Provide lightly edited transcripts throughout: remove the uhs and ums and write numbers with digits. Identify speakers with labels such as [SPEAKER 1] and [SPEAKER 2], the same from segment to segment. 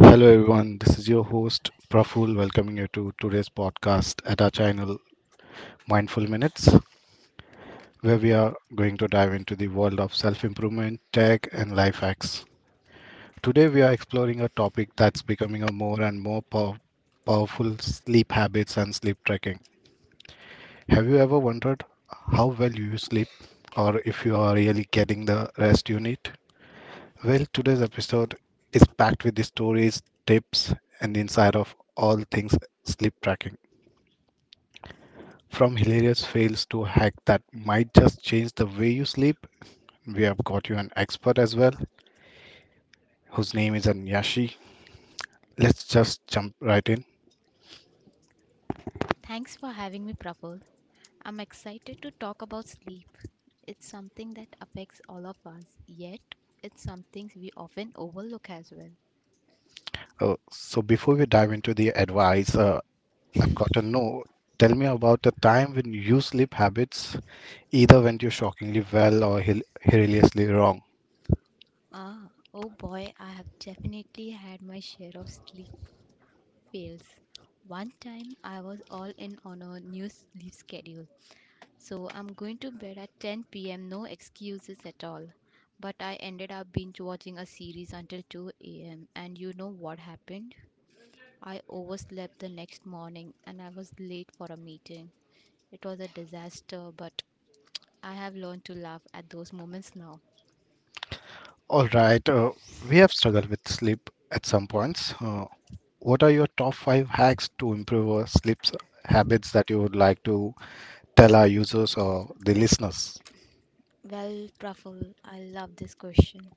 [SPEAKER 1] Hello everyone, this is your host Praful welcoming you to today's podcast at our channel Mindful Minutes, where we are going to dive into the world of self improvement, tech, and life hacks. Today we are exploring a topic that's becoming a more and more powerful sleep habits and sleep tracking. Have you ever wondered how well you sleep or if you are really getting the rest you need? Well, today's episode is packed with the stories, tips, and the inside of all things sleep tracking. From hilarious fails to hack that might just change the way you sleep, we have got you an expert as well, whose name is Anyashi. Let's just jump right in.
[SPEAKER 2] Thanks for having me, Prabal. I'm excited to talk about sleep. It's something that affects all of us, yet, it's something we often overlook as well.
[SPEAKER 1] So, before we dive into the advice, I've got to know tell me about a time when you sleep habits either went you shockingly well or hilariously wrong.
[SPEAKER 2] Ah, oh boy, I have definitely had my share of sleep fails. One time I was all in on a new sleep schedule, so I'm going to bed at 10 p.m., no excuses at all. But I ended up binge watching a series until 2 a.m., and you know what happened? I overslept the next morning and I was late for a meeting. It was a disaster, but I have learned to laugh at those moments now.
[SPEAKER 1] All right, we have struggled with sleep at some points. What are your top five hacks to improve our sleep habits that you would like to tell our users or the listeners.
[SPEAKER 2] Well, Praful, I love this question.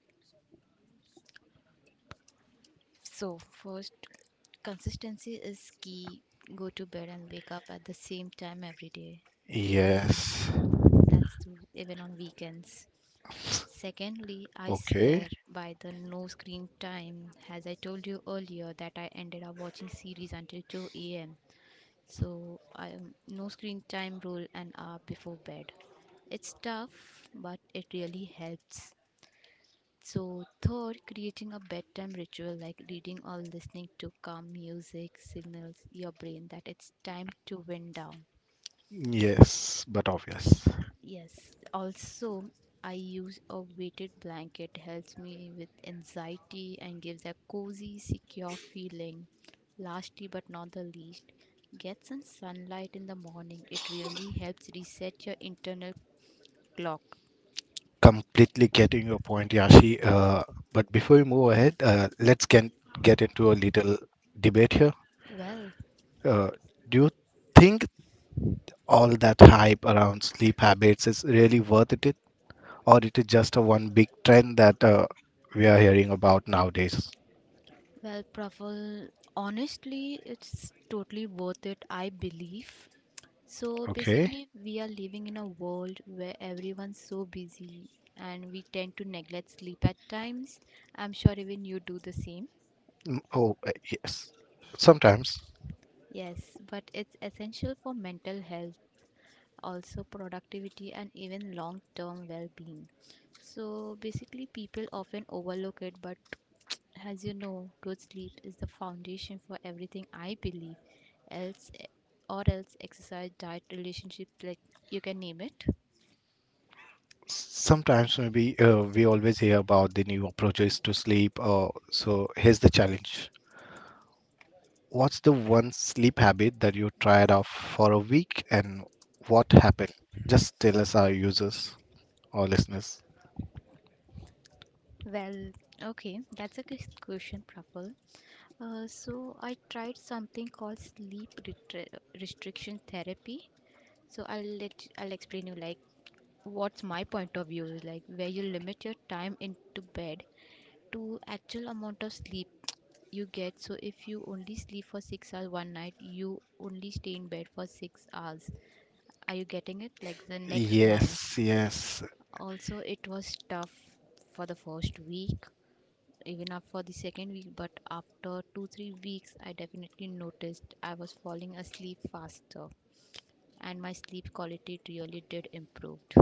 [SPEAKER 2] So, first, consistency is key. Go to bed and wake up at the same time every day, even on
[SPEAKER 1] Yes.
[SPEAKER 2] that's even on weekends. Secondly, I
[SPEAKER 1] Okay.
[SPEAKER 2] swear by the no screen time. As I told you earlier, that I ended up watching series until 2 a.m. So I no screen time rule an hour before bed. It's tough, but it really helps. So third, creating a bedtime ritual like reading or listening to calm music signals your brain that it's time to wind down.
[SPEAKER 1] Yes, but obvious.
[SPEAKER 2] Yes, also I use a weighted blanket helps me with anxiety and gives a cozy, secure feeling. Lastly but not the least, get some sunlight in the morning. It really helps reset your internal clock.
[SPEAKER 1] Completely getting your point, Yashi. But before we move ahead, let's get into a little debate here.
[SPEAKER 2] Well,
[SPEAKER 1] Uh, do you think all that hype around sleep habits is really worth it, or it is just a one big trend that we are hearing about nowadays?
[SPEAKER 2] Well, Praful, honestly, it's totally worth it, I believe. So
[SPEAKER 1] Okay.
[SPEAKER 2] basically, we are living in a world where everyone's so busy and we tend to neglect sleep at times. I'm sure even you do the same.
[SPEAKER 1] Mm, oh, yes. Sometimes.
[SPEAKER 2] Yes, but it's essential for mental health, also productivity and even long term well being. So basically, people often overlook it, but as you know, good sleep is the foundation for everything I believe. Else, eh, or else, exercise, diet, relationships, like you can name it.
[SPEAKER 1] Sometimes maybe we always hear about the new approaches to sleep. So here's the challenge. What's the one sleep habit that you tried off for a week and what happened? Just tell us our users or listeners.
[SPEAKER 2] Well, okay, that's a good question, Praful. So I tried something called restriction therapy. So I'll explain you like what's my point of view is like where you limit your time into bed to actual amount of sleep you get. So if you only sleep for 6 hours one night, you only stay in bed for 6 hours. Are you getting it? Like the next night.
[SPEAKER 1] Yes, yes.
[SPEAKER 2] Also it was tough for the first week even up for the second week, but after 2 3 weeks I definitely noticed I was falling asleep faster and my sleep quality really did improved.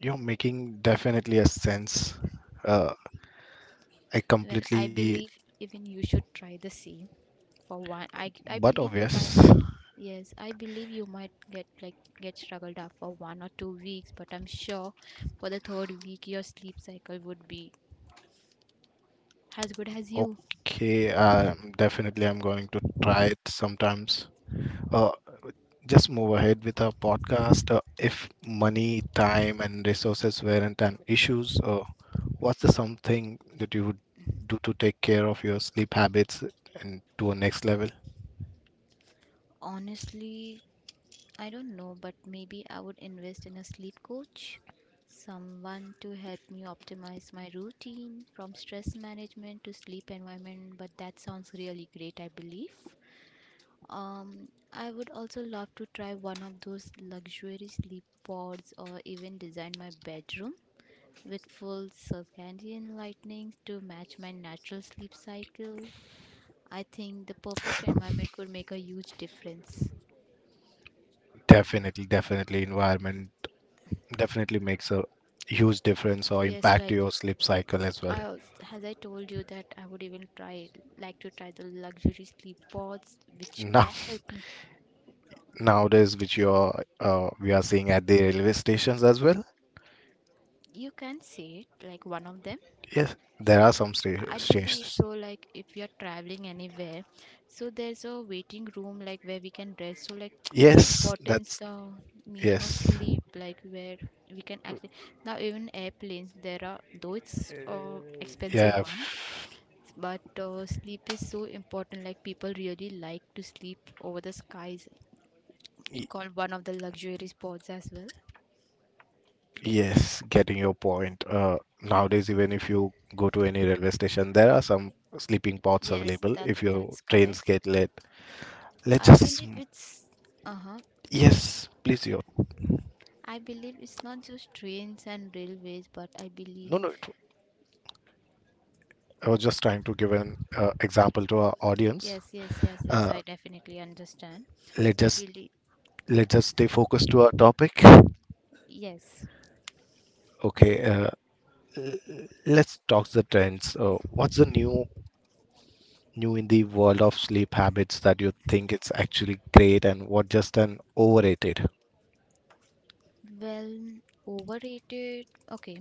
[SPEAKER 1] You're making definitely a sense. Uh, I
[SPEAKER 2] Well, I
[SPEAKER 1] completely,
[SPEAKER 2] believe even you should try the same for one. I
[SPEAKER 1] but
[SPEAKER 2] believe you
[SPEAKER 1] obvious.
[SPEAKER 2] might, yes, I believe you might get like get struggled up for 1 or 2 weeks, but I'm sure for the third week your sleep cycle would be as good as you.
[SPEAKER 1] Okay, definitely I'm going to try it sometimes. Uh, just move ahead with our podcast. If money, time, and resources weren't an issues, what's the something that you would do to take care of your sleep habits and to a next level?
[SPEAKER 2] Honestly, I don't know, but maybe I would invest in a sleep coach, someone to help me optimize my routine from stress management to sleep environment. But that sounds really great, I believe. I would also love to try one of those luxury sleep pods or even design my bedroom with full circadian lightning to match my natural sleep cycle. I think the perfect environment could make a huge difference.
[SPEAKER 1] Definitely, definitely, environment definitely makes a huge difference or
[SPEAKER 2] Yes,
[SPEAKER 1] impact to
[SPEAKER 2] like
[SPEAKER 1] your sleep cycle as well.
[SPEAKER 2] I also, as I told you that I would even try like to try the luxury sleep pods which
[SPEAKER 1] Now,
[SPEAKER 2] can help me.
[SPEAKER 1] nowadays, which you are we are seeing at the railway stations as well.
[SPEAKER 2] You can say it like one of them.
[SPEAKER 1] Yes, there are some
[SPEAKER 2] I believe
[SPEAKER 1] stations.
[SPEAKER 2] so, like if you're traveling anywhere, so there's a waiting room like where we can rest. So like do you
[SPEAKER 1] Yes,
[SPEAKER 2] importance
[SPEAKER 1] that's
[SPEAKER 2] the meaning of
[SPEAKER 1] yes.
[SPEAKER 2] sleep like where we can actually now even airplanes there are, though it's expensive
[SPEAKER 1] Yeah,
[SPEAKER 2] one, but sleep is so important like people really like to sleep over the skies, called one of the luxury sports as well.
[SPEAKER 1] Yes, getting your point. Nowadays, even if you go to any railway station, there are some sleeping pods
[SPEAKER 2] Yes,
[SPEAKER 1] available if
[SPEAKER 2] that's
[SPEAKER 1] your
[SPEAKER 2] that's
[SPEAKER 1] trains
[SPEAKER 2] correct.
[SPEAKER 1] get late. Let's
[SPEAKER 2] I
[SPEAKER 1] just,
[SPEAKER 2] believe it's uh-huh.
[SPEAKER 1] yes, please, you.
[SPEAKER 2] I believe it's not just trains and railways, but I
[SPEAKER 1] No,
[SPEAKER 2] believe
[SPEAKER 1] no, I was just trying to give an example to our audience.
[SPEAKER 2] yes, yes, yes, yes, I
[SPEAKER 1] Uh,
[SPEAKER 2] definitely understand.
[SPEAKER 1] let
[SPEAKER 2] So I
[SPEAKER 1] just
[SPEAKER 2] believe
[SPEAKER 1] let us stay focused to our topic.
[SPEAKER 2] yes.
[SPEAKER 1] Okay, l- let's talk the trends. What's the new in the world of sleep habits that you think it's actually great and what just an overrated?
[SPEAKER 2] Well, overrated. Okay.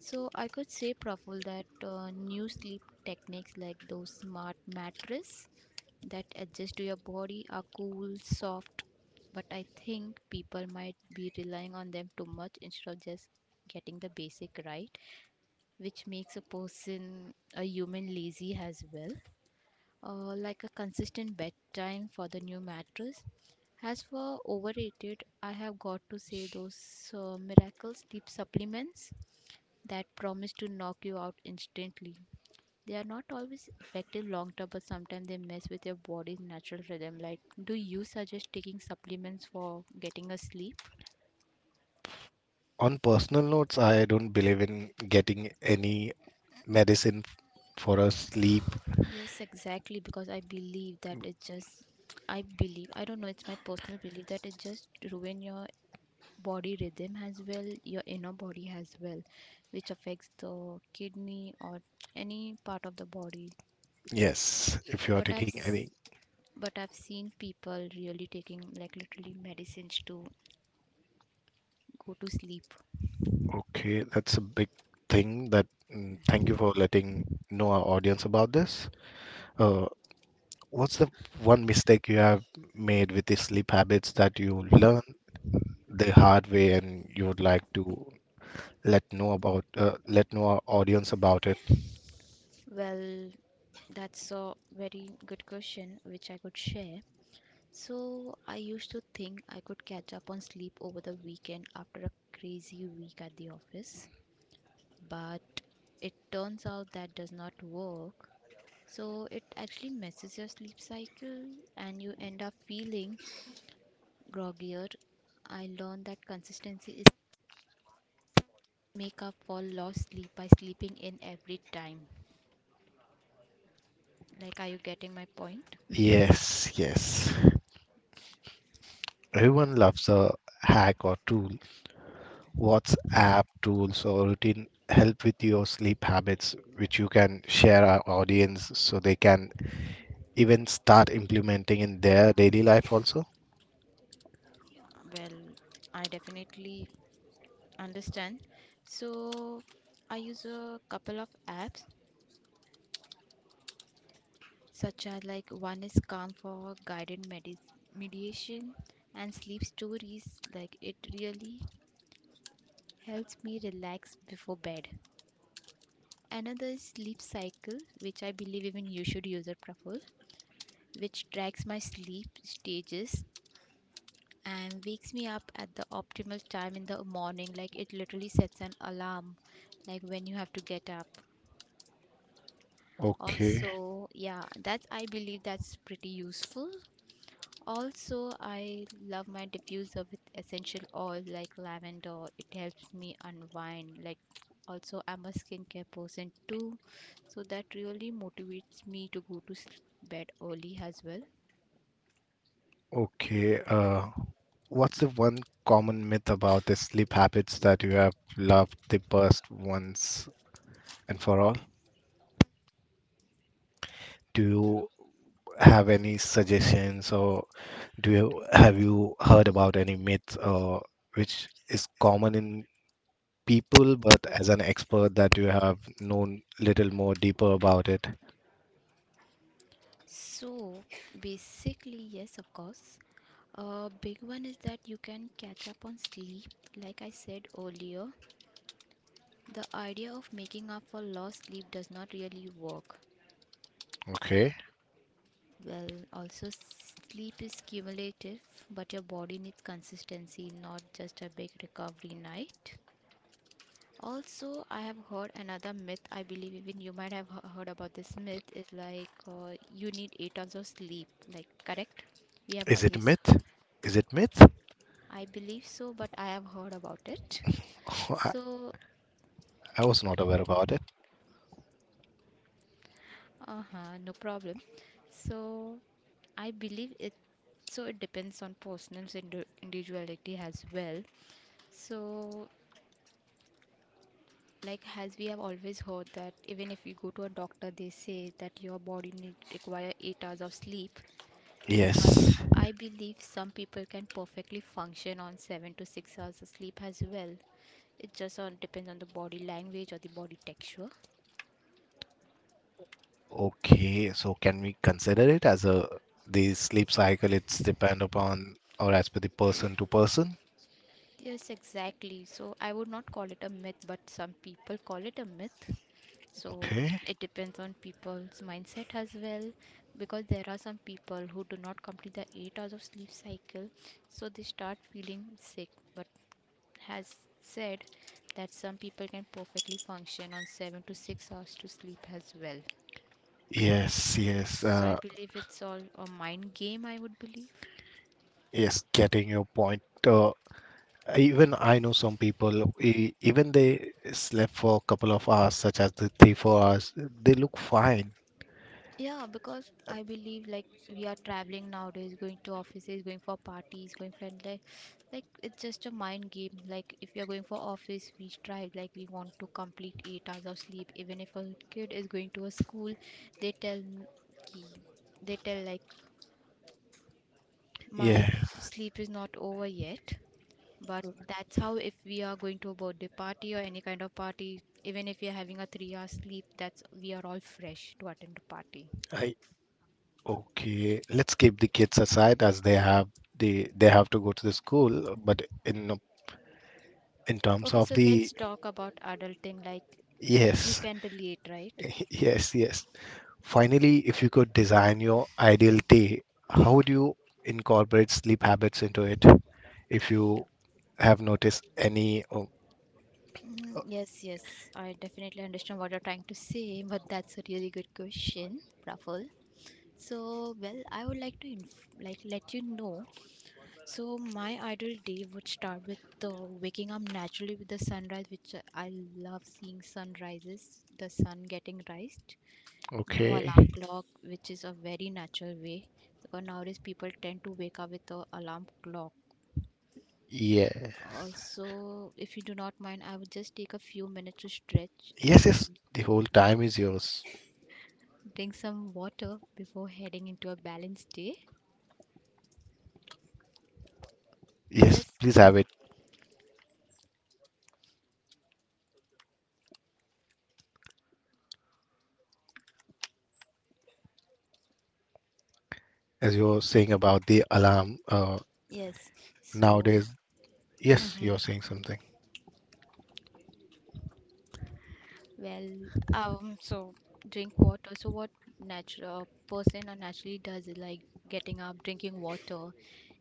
[SPEAKER 2] So I could say, Praful, that new sleep techniques like those smart mattress that adjust to your body are cool, soft, but I think people might be relying on them too much instead of just getting the basic right, which makes a person a human lazy as well. Like a consistent bedtime for the new mattress. As for overrated, I have got to say those miracle sleep supplements that promise to knock you out instantly, they are not always effective long term but sometimes they mess with your body's natural rhythm like do you suggest taking supplements for getting a sleep.
[SPEAKER 1] On personal notes, I don't believe in getting any medicine for a sleep.
[SPEAKER 2] Yes, exactly, because I believe that it just, I believe, I don't know, it's my personal belief that it just ruin your body rhythm as well, your inner body as well, which affects the kidney or any part of the body.
[SPEAKER 1] Yes, if you are
[SPEAKER 2] But I've,
[SPEAKER 1] taking
[SPEAKER 2] s-
[SPEAKER 1] any.
[SPEAKER 2] but I've seen people really taking like literally medicines to go to sleep.
[SPEAKER 1] Okay, that's a big thing that thank you for letting know our audience about this. Uh, what's the one mistake you have made with the sleep habits that you learned the hard way and you would like to let know our audience about it?
[SPEAKER 2] Well, that's a very good question which I could share. So, I used to think I could catch up on sleep over the weekend after a crazy week at the office, but it turns out that does not work. So, it actually messes your sleep cycle and you end up feeling groggier. I learned that consistency is make up for lost sleep by sleeping in every time. Like, are you getting my point?
[SPEAKER 1] Yes, yes. Everyone loves a hack or tool WhatsApp tools or routine help with your sleep habits, which you can share our audience so they can even start implementing in their daily life also?
[SPEAKER 2] Well, I definitely understand. So I use a couple of apps such as like one is Calm for mediation and sleep stories like it really helps me relax before bed. Another is sleep cycle, which I believe even you should use it, Praful, which tracks my sleep stages and wakes me up at the optimal time in the morning, like it literally sets an alarm like when you have to get up.
[SPEAKER 1] Okay,
[SPEAKER 2] Also yeah, that's, I believe that's pretty useful. Also I love my diffuser with essential oil like lavender, it helps me unwind like, also I'm a skincare person too, so that really motivates me to bed early as well.
[SPEAKER 1] okay. What's the one common myth about the sleep habits that you have loved the best once and for all? Do you have any suggestions or do you have you heard about any myths or which is common in people, but as an expert that you have known little more deeper about it.
[SPEAKER 2] So basically yes, of course, a big one is that you can catch up on sleep. Like I said earlier, the idea of making up for lost sleep does not really work.
[SPEAKER 1] Okay.
[SPEAKER 2] Well, also sleep is cumulative, but your body needs consistency, not just a big recovery night. Also, I have heard another myth. I believe even you might have heard about this myth is like you need 8 hours of sleep. Like, correct? We have
[SPEAKER 1] Is it
[SPEAKER 2] always,
[SPEAKER 1] myth? Is it myth?
[SPEAKER 2] I believe so, but I have heard about it.
[SPEAKER 1] I,
[SPEAKER 2] So
[SPEAKER 1] I was not aware about it.
[SPEAKER 2] uh-huh, no problem, so I believe it, so it depends on individuality as well. So like as we have always heard that even if you go to a doctor they say that your body need require 8 hours of sleep, but
[SPEAKER 1] Yes.
[SPEAKER 2] I believe some people can perfectly function on 7 to 6 hours of sleep as well. It just on depends on the body language or the body texture.
[SPEAKER 1] Okay. So can we consider it as a the sleep cycle? It's depend upon or as per the person to person.
[SPEAKER 2] Yes, exactly. So I would not call it a myth, but some people call it a myth. So
[SPEAKER 1] Okay.
[SPEAKER 2] it depends on people's mindset as well, because there are some people who do not complete the 8 hours of sleep cycle, so they start feeling sick. But has said that some people can perfectly function on 7 to 6 hours to sleep as well.
[SPEAKER 1] Yes. Yes.
[SPEAKER 2] So I believe it's all a mind game, I would believe.
[SPEAKER 1] Yes. Getting your point. Even I know some people, even they slept for a couple of hours, such as the 3, 4 hours, they look fine.
[SPEAKER 2] Yeah, because I believe like we are traveling nowadays, going to offices, going for parties, going for like it's just a mind game. Like if we are going for office, we strive like we want to complete 8 hours of sleep. Even if a kid is going to a school, they ki, they tell like my
[SPEAKER 1] Yeah,
[SPEAKER 2] sleep is not over yet. But that's how if we are going to a birthday party or any kind of party, even if we are having a 3 hour sleep, that's we are all fresh to attend the party.
[SPEAKER 1] I okay. Let's keep the kids aside as they have they have to go to the school, but in terms
[SPEAKER 2] Okay,
[SPEAKER 1] of
[SPEAKER 2] so
[SPEAKER 1] the
[SPEAKER 2] let's talk about adulting like you
[SPEAKER 1] yes,
[SPEAKER 2] can delete, right?
[SPEAKER 1] yes, yes. Finally, if you could design your ideal day, how would you incorporate sleep habits into it? If you have noticed any, oh,
[SPEAKER 2] Mm, yes, yes, I definitely understand what you're trying to say, but that's a really good question, Praful. So, well, I would like to like let you know. So, my ideal day would start with waking up naturally with the sunrise, which I love seeing sunrises, the sun getting raised. No
[SPEAKER 1] okay,
[SPEAKER 2] alarm clock, which is a very natural way because nowadays people tend to wake up with a alarm clock.
[SPEAKER 1] yeah,
[SPEAKER 2] Also, if you do not mind, I would just take a few minutes to stretch
[SPEAKER 1] yes, yes.
[SPEAKER 2] and
[SPEAKER 1] The whole time is yours.
[SPEAKER 2] drink some water before heading into a balanced day.
[SPEAKER 1] Yes,
[SPEAKER 2] Just
[SPEAKER 1] please have it. As you were saying about the alarm,
[SPEAKER 2] yes. So,
[SPEAKER 1] nowadays. Yes,
[SPEAKER 2] hmm,
[SPEAKER 1] you're saying something.
[SPEAKER 2] well, so drink water. So, what natural person or naturally does is like getting up, drinking water,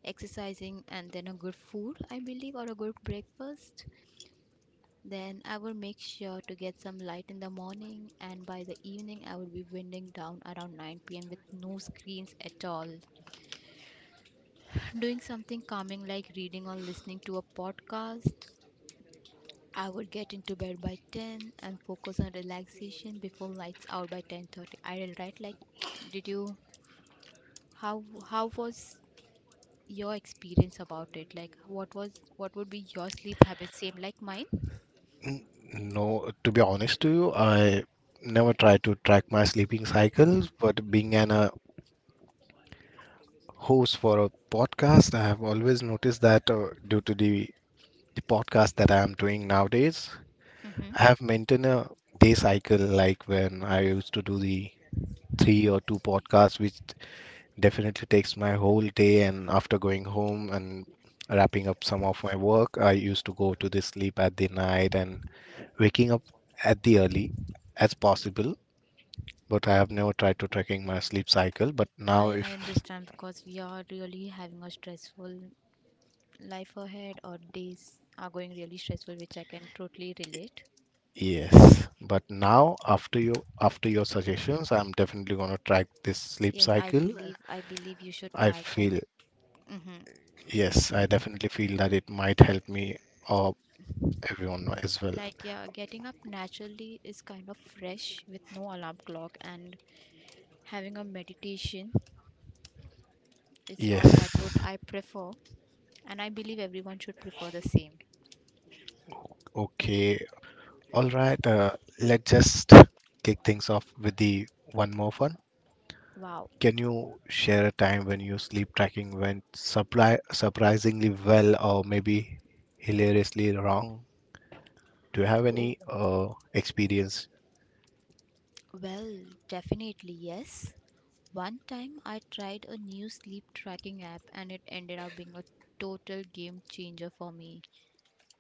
[SPEAKER 2] exercising, and then a good food, I believe, or a good breakfast. Then I would make sure to get some light in the morning, and by the evening, I would be winding down around 9 p.m. with no screens at all. Doing something calming like reading or listening to a podcast. I would get into bed by 10 and focus on relaxation before lights out by 10:30. I will write like did you how how was your experience about it? Like what would be your sleep habits same like mine?
[SPEAKER 1] N- No, to be honest to you, I never try to track my sleeping cycles, but being an host for a podcast, I have always noticed that due to the podcast that I'm doing nowadays,
[SPEAKER 2] Mhm.
[SPEAKER 1] I have maintained a day cycle like when I used to do the three or two podcasts, which definitely takes my whole day. And after going home and wrapping up some of my work, I used to go to the sleep at the night and waking up at the early as possible, but I have never tried to tracking my sleep cycle. But now,
[SPEAKER 2] I
[SPEAKER 1] if
[SPEAKER 2] understand because we are really having a stressful life ahead, or days are going really stressful, which I can totally relate.
[SPEAKER 1] yes, but now after your suggestions, I'm definitely gonna track this sleep
[SPEAKER 2] Yes, I
[SPEAKER 1] cycle.
[SPEAKER 2] believe I believe you should
[SPEAKER 1] I
[SPEAKER 2] try it. Like,
[SPEAKER 1] feel
[SPEAKER 2] hmm
[SPEAKER 1] Yes, I definitely feel that it might help me or everyone as well.
[SPEAKER 2] like yeah, getting up naturally is kind of fresh with no alarm clock, and having a meditation is all that would
[SPEAKER 1] Yes.
[SPEAKER 2] I prefer, and I believe everyone should prefer the same.
[SPEAKER 1] Okay. All right. Let's just kick things off with the one more fun.
[SPEAKER 2] Wow.
[SPEAKER 1] Can you share a time when your sleep tracking went supply surprisingly well or maybe hilariously wrong? Do you have
[SPEAKER 2] Oh,
[SPEAKER 1] any experience?
[SPEAKER 2] well, definitely yes. One time I tried a new sleep tracking app and it ended up being a total game changer for me.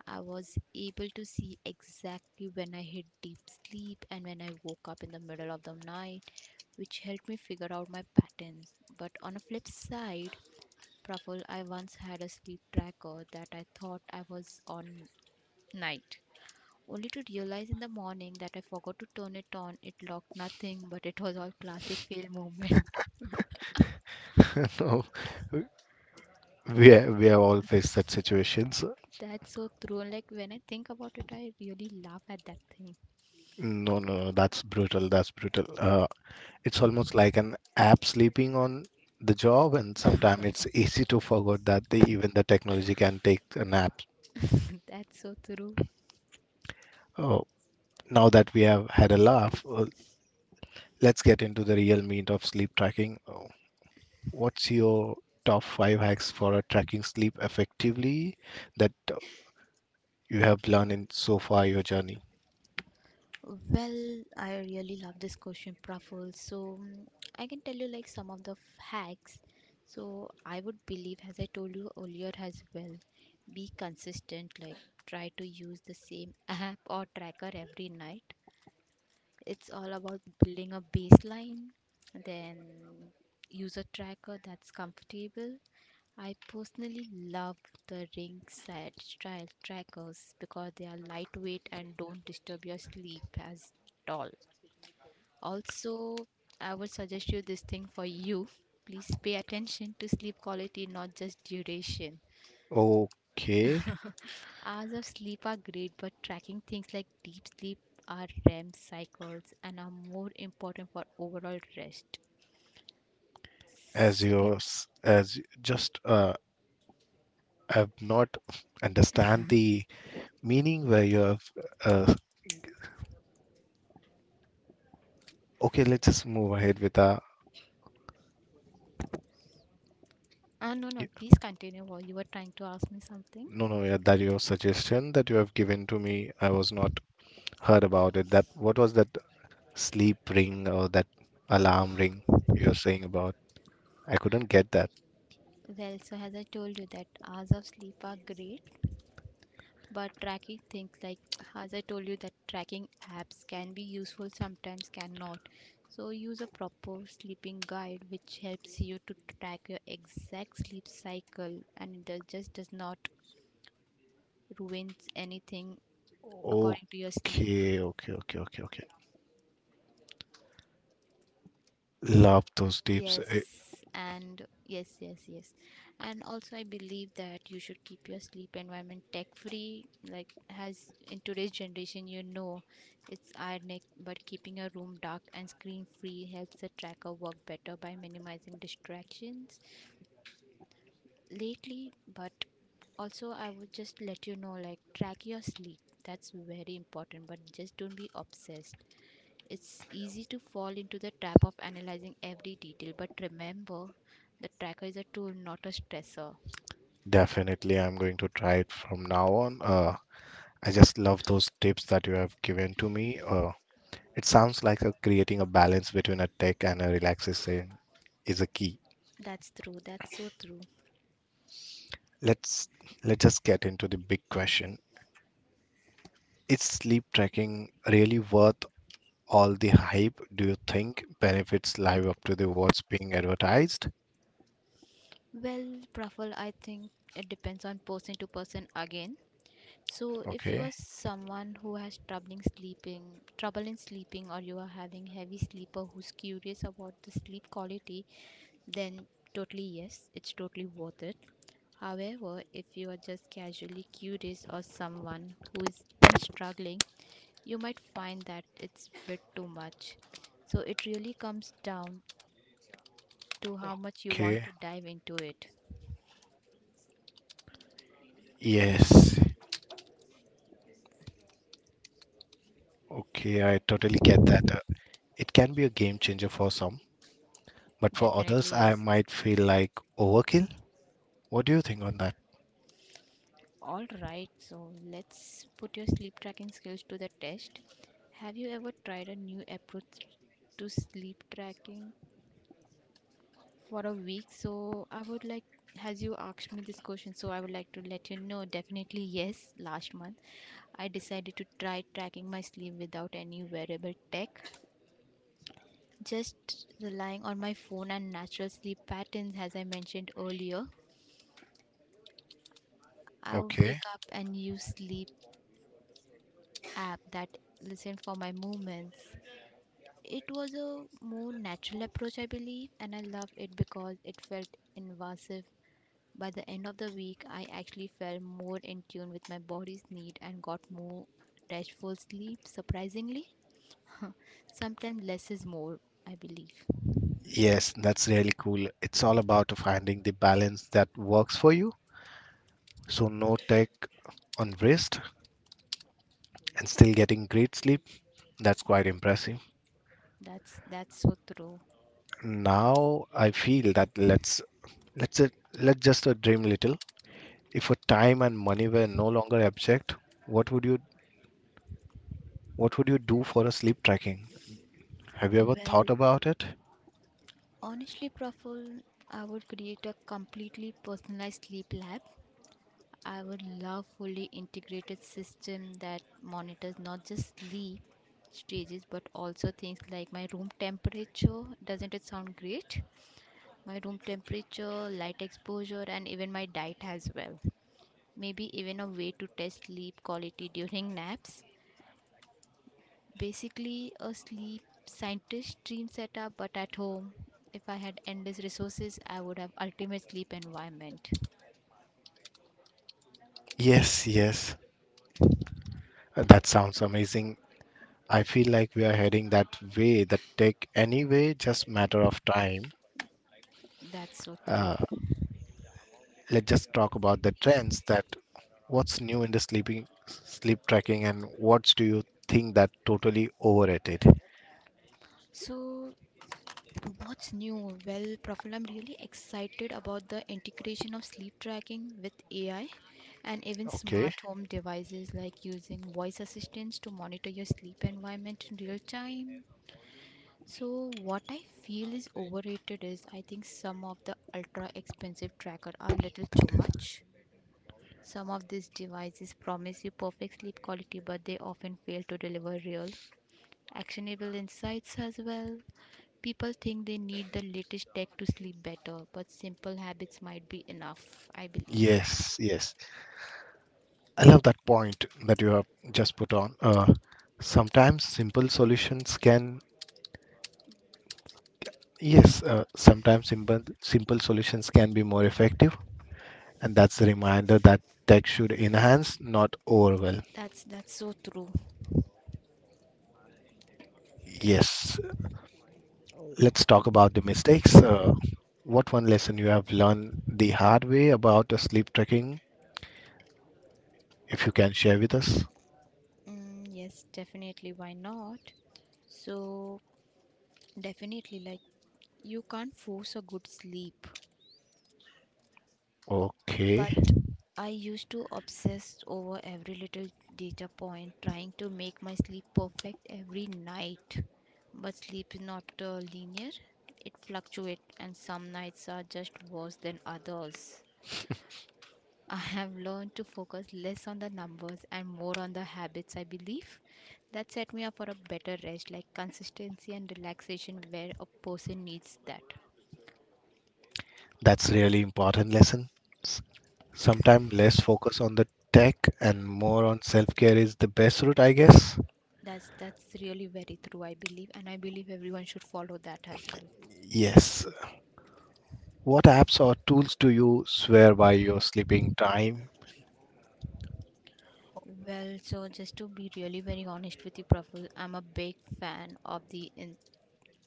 [SPEAKER 2] I was able to see exactly when I hit deep sleep and when I woke up in the middle of the night, which helped me figure out my patterns. But on a flip side, Praful, I once had a sleep tracker that I thought I was on night. Only to realize in the morning that I forgot to turn it on, it locked nothing, but it was all classic fail moment.
[SPEAKER 1] No, we have all faced such situations.
[SPEAKER 2] That's so true. And like when I think about it, I really laugh at that thing.
[SPEAKER 1] No, no, no, that's brutal. That's brutal. It's almost like an app sleeping on the job, and sometimes it's easy to forget that even the technology can take a nap.
[SPEAKER 2] That's so true.
[SPEAKER 1] Oh, now that we have had a laugh, let's get into the real meat of sleep tracking. Oh, what's your top five hacks for tracking sleep effectively that you have learned in so far your journey?
[SPEAKER 2] Well, I really love this question, Praful. So I can tell you like some of the hacks. So I would believe, as I told you earlier as well, be consistent. Like try to use the same app or tracker every night. It's all about building a baseline, then use a tracker that's comfortable. I personally love the ringside style trackers because they are lightweight and don't disturb your sleep as at all. Also, I would suggest you this thing for you. Please pay attention to sleep quality, not just duration.
[SPEAKER 1] Okay,
[SPEAKER 2] Hours of sleep are great, but tracking things like deep sleep are REM cycles and are more important for overall rest.
[SPEAKER 1] as
[SPEAKER 2] Second,
[SPEAKER 1] yours, as y- just I've not understand the meaning where you have. Uh, okay, let's just move ahead with the.
[SPEAKER 2] ah, no, no, please continue while you were trying to ask me something.
[SPEAKER 1] No, no, yeah, that your suggestion that you have given to me, I was not heard about it. That what was that sleep ring or that alarm ring you're saying about? I couldn't get that.
[SPEAKER 2] Well, so as I told you that hours of sleep are great, but tracking things like as I told you that tracking apps can be useful sometimes cannot. So use a proper sleeping guide which helps you to track your exact sleep cycle and it just does not ruins anything according to your sleep.
[SPEAKER 1] Okay, okay, okay, okay, okay. Love those tips.
[SPEAKER 2] Yes, and yes, yes, yes. And also, I believe that you should keep your sleep environment tech free. Like, as in today's generation, you know, it's ironic, but keeping your room dark and screen free helps the tracker work better by minimizing distractions. Lately, but also, I would just let you know, like, track your sleep. That's very important, but just don't be obsessed. It's easy to fall into the trap of analyzing every detail, but remember, the tracker is a tool, not a stressor.
[SPEAKER 1] Definitely, I'm going to try it from now on. I just love those tips that you have given to me. It sounds like creating a balance between a tech and a relaxation is a key.
[SPEAKER 2] That's true. That's so true.
[SPEAKER 1] Let's let's just get into the big question. Is sleep tracking really worth all the hype? Do you think benefits live up to the what's being advertised?
[SPEAKER 2] Well, Praful, I think it depends on person to person again. So, if you
[SPEAKER 1] Okay,
[SPEAKER 2] are someone who has trouble in sleeping, or you are having heavy sleeper who's curious about the sleep quality, then totally yes, it's totally worth it. However, if you are just casually curious or someone who is struggling, you might find that it's a bit too much. So it really comes down to how much you want
[SPEAKER 1] okay.
[SPEAKER 2] to dive into it.
[SPEAKER 1] Yes, okay, I totally get that. It can be a game changer for some, but for others,
[SPEAKER 2] Definitely
[SPEAKER 1] I
[SPEAKER 2] is.
[SPEAKER 1] might feel like overkill. What do you think on that?
[SPEAKER 2] All right, so let's put your sleep tracking skills to the test. Have you ever tried a new approach to sleep tracking for a week? As you asked me this question, so I would like to let you know definitely yes. Last month, I decided to try tracking my sleep without any wearable tech, just relying on my phone and natural sleep patterns. As I mentioned earlier, I would
[SPEAKER 1] Okay.
[SPEAKER 2] wake up and use sleep app that listen for my movements. It was a more natural approach I believe and I love it because it felt invasive. By the end of the week I actually felt more in tune with my body's need and got more restful sleep surprisingly. Sometimes less is more I believe.
[SPEAKER 1] Yes, that's really cool. It's all about finding the balance that works for you. So, no tech on wrist and still getting great sleep. That's quite impressive.
[SPEAKER 2] That's so true.
[SPEAKER 1] Now, I feel that let's uh, let's just dream little. If a time and money were no longer object, what would you do for a sleep tracking? Have you ever thought
[SPEAKER 2] Well,
[SPEAKER 1] about it?
[SPEAKER 2] honestly, Praful, I would create a completely personalized sleep lab. I would love fully integrated system that monitors not just sleep stages but also things like my room temperature. Doesn't it sound great? My room temperature, light exposure, and even my diet as well. Maybe even a way to test sleep quality during naps. Basically a sleep scientist dream setup, but at home. If I had endless resources, I would have ultimate sleep environment.
[SPEAKER 1] Yes, yes, that sounds amazing. I feel like we are heading that way, that tech anyway, just matter of time.
[SPEAKER 2] That's so true.
[SPEAKER 1] Uh, let's just talk about the trends that what's new in the sleep tracking and what do you think that totally overrated?
[SPEAKER 2] So, what's new? Well, Profil, I'm really excited about the integration of sleep tracking with AI and even
[SPEAKER 1] Okay.
[SPEAKER 2] smart home devices like using voice assistants to monitor your sleep environment in real time. So what I feel is overrated is I think some of the ultra expensive tracker are little too much. Some of these devices promise you perfect sleep quality but they often fail to deliver real actionable insights as well. People think they need the latest tech to sleep better, but simple habits might be enough, I believe.
[SPEAKER 1] Yes, yes. I love that point that you have just put on. Sometimes simple solutions can, yes, sometimes simple solutions can be more effective. And that's the reminder that tech should enhance, not overwhelm.
[SPEAKER 2] That's so true.
[SPEAKER 1] Yes, let's talk about the mistakes. What one lesson you have learned the hard way about sleep tracking, if you can share with us?
[SPEAKER 2] Mm, yes, definitely why not? So definitely like you can't force a good sleep,
[SPEAKER 1] Okay,
[SPEAKER 2] but I used to obsess over every little data point, trying to make my sleep perfect every night. But sleep is not linear, it fluctuates, and some nights are just worse than others. I have learned to focus less on the numbers and more on the habits I believe that set me up for a better rest, like consistency and relaxation, where a person needs that.
[SPEAKER 1] that's really important lesson. Sometimes less focus on the tech and more on self-care is the best route, I guess.
[SPEAKER 2] That's really very true, I believe, and I believe everyone should follow that as well.
[SPEAKER 1] Yes. What apps or tools do you swear by your sleeping time?
[SPEAKER 2] Well, so just to be really very honest with you, Praful, I'm a big fan of the in,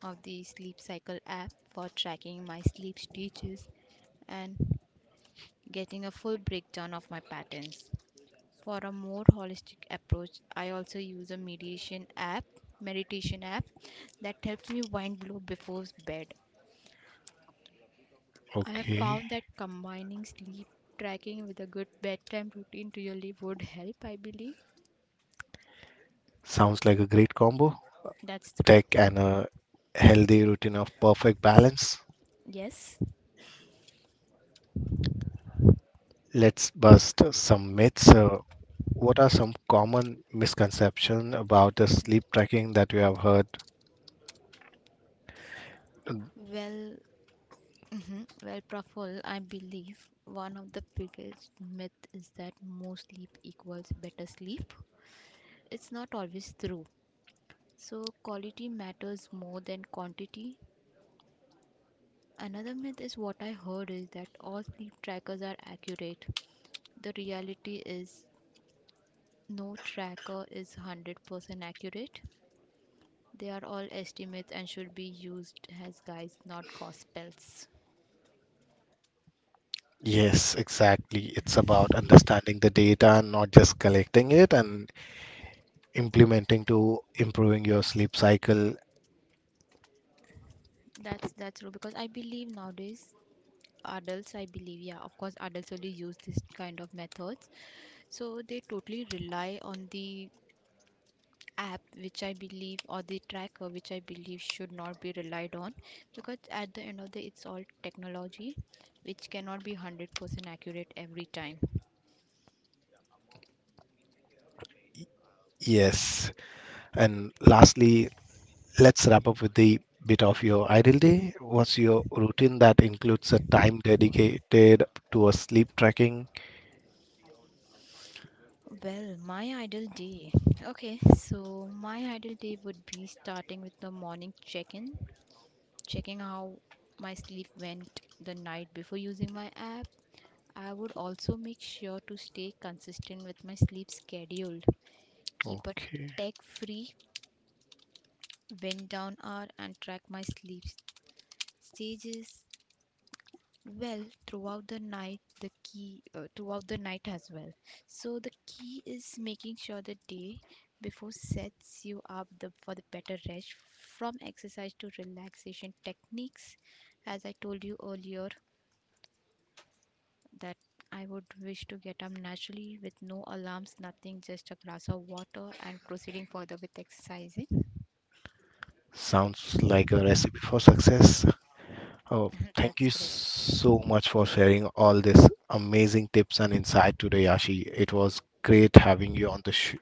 [SPEAKER 2] of the sleep cycle app for tracking my sleep stages and getting a full breakdown of my patterns. For a more holistic approach, I also use a meditation app that helps me wind low before bed. I have
[SPEAKER 1] Okay,
[SPEAKER 2] found that combining sleep tracking with a good bedtime routine really would help, I believe.
[SPEAKER 1] sounds like a great combo.
[SPEAKER 2] That's true.
[SPEAKER 1] Tech and a healthy routine of perfect balance.
[SPEAKER 2] Yes.
[SPEAKER 1] Let's bust some myths. What are some common misconceptions about the sleep tracking that you have heard?
[SPEAKER 2] Well, mhm, well, Praful, I believe one of the biggest myth is that more sleep equals better sleep. It's not always true. So quality matters more than quantity. Another myth is what I heard is that all sleep trackers are accurate. The reality is no tracker is 100% accurate. They are all estimates and should be used as guides, not gospels.
[SPEAKER 1] Yes, exactly. It's about understanding the data and not just collecting it and implementing to improving your sleep cycle.
[SPEAKER 2] That's true because I believe nowadays adults I believe yeah of course adults only use this kind of methods, so they totally rely on the app which I believe or the tracker which I believe should not be relied on because at the end of the it's all technology which cannot be 100% accurate every time.
[SPEAKER 1] Yes. And lastly, let's wrap up with the bit of your ideal day. What's your routine that includes a time dedicated to a sleep tracking?
[SPEAKER 2] Well, my ideal day. Okay, so my ideal day would be starting with the morning check in, checking how my sleep went the night before using my app. I would also make sure to stay consistent with my sleep schedule, keep a
[SPEAKER 1] Okay.
[SPEAKER 2] tech free wind down hour, and track my sleep stages well throughout the night. The key throughout the night as well, so the key is making sure the day before sets you up for the better rest from exercise to relaxation techniques. As I told you earlier, that I would wish to get up naturally with no alarms, nothing, just a glass of water and proceeding further with exercising.
[SPEAKER 1] Sounds like a recipe for success. Oh, thank
[SPEAKER 2] That's
[SPEAKER 1] you
[SPEAKER 2] great.
[SPEAKER 1] so much for sharing all this amazing tips and insight today, Yashi. It was great having you on the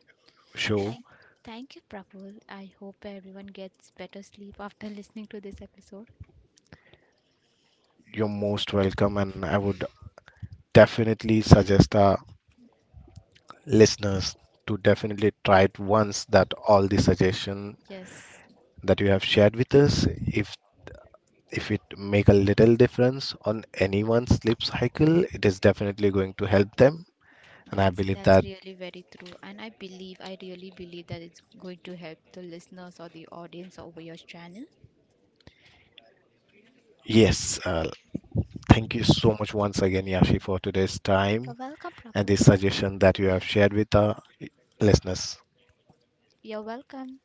[SPEAKER 1] show.
[SPEAKER 2] Thank, thank you, Prabhu. I hope everyone gets better sleep after listening to this episode.
[SPEAKER 1] You're most welcome, and I would definitely suggest our listeners to definitely try it once that all the suggestion
[SPEAKER 2] Yes,
[SPEAKER 1] that you have shared with us, if if it make a little difference on anyone's sleep cycle, it is definitely going to help them and I
[SPEAKER 2] that's
[SPEAKER 1] believe
[SPEAKER 2] that's
[SPEAKER 1] that
[SPEAKER 2] really very true, and I really believe that it's going to help the listeners or the audience over your channel.
[SPEAKER 1] Yes, thank you so much once again, Yashi, for today's
[SPEAKER 2] You're
[SPEAKER 1] time
[SPEAKER 2] welcome,
[SPEAKER 1] and the
[SPEAKER 2] Prabhu.
[SPEAKER 1] suggestion that you have shared with our listeners.
[SPEAKER 2] You're welcome.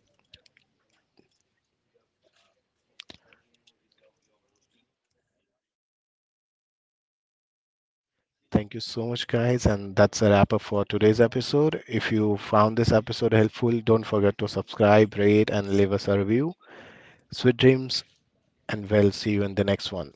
[SPEAKER 1] Thank you so much, guys, and that's a wrap up for today's episode. If you found this episode helpful, don't forget to subscribe, rate, and leave us a review. Sweet dreams, and we'll see you in the next one.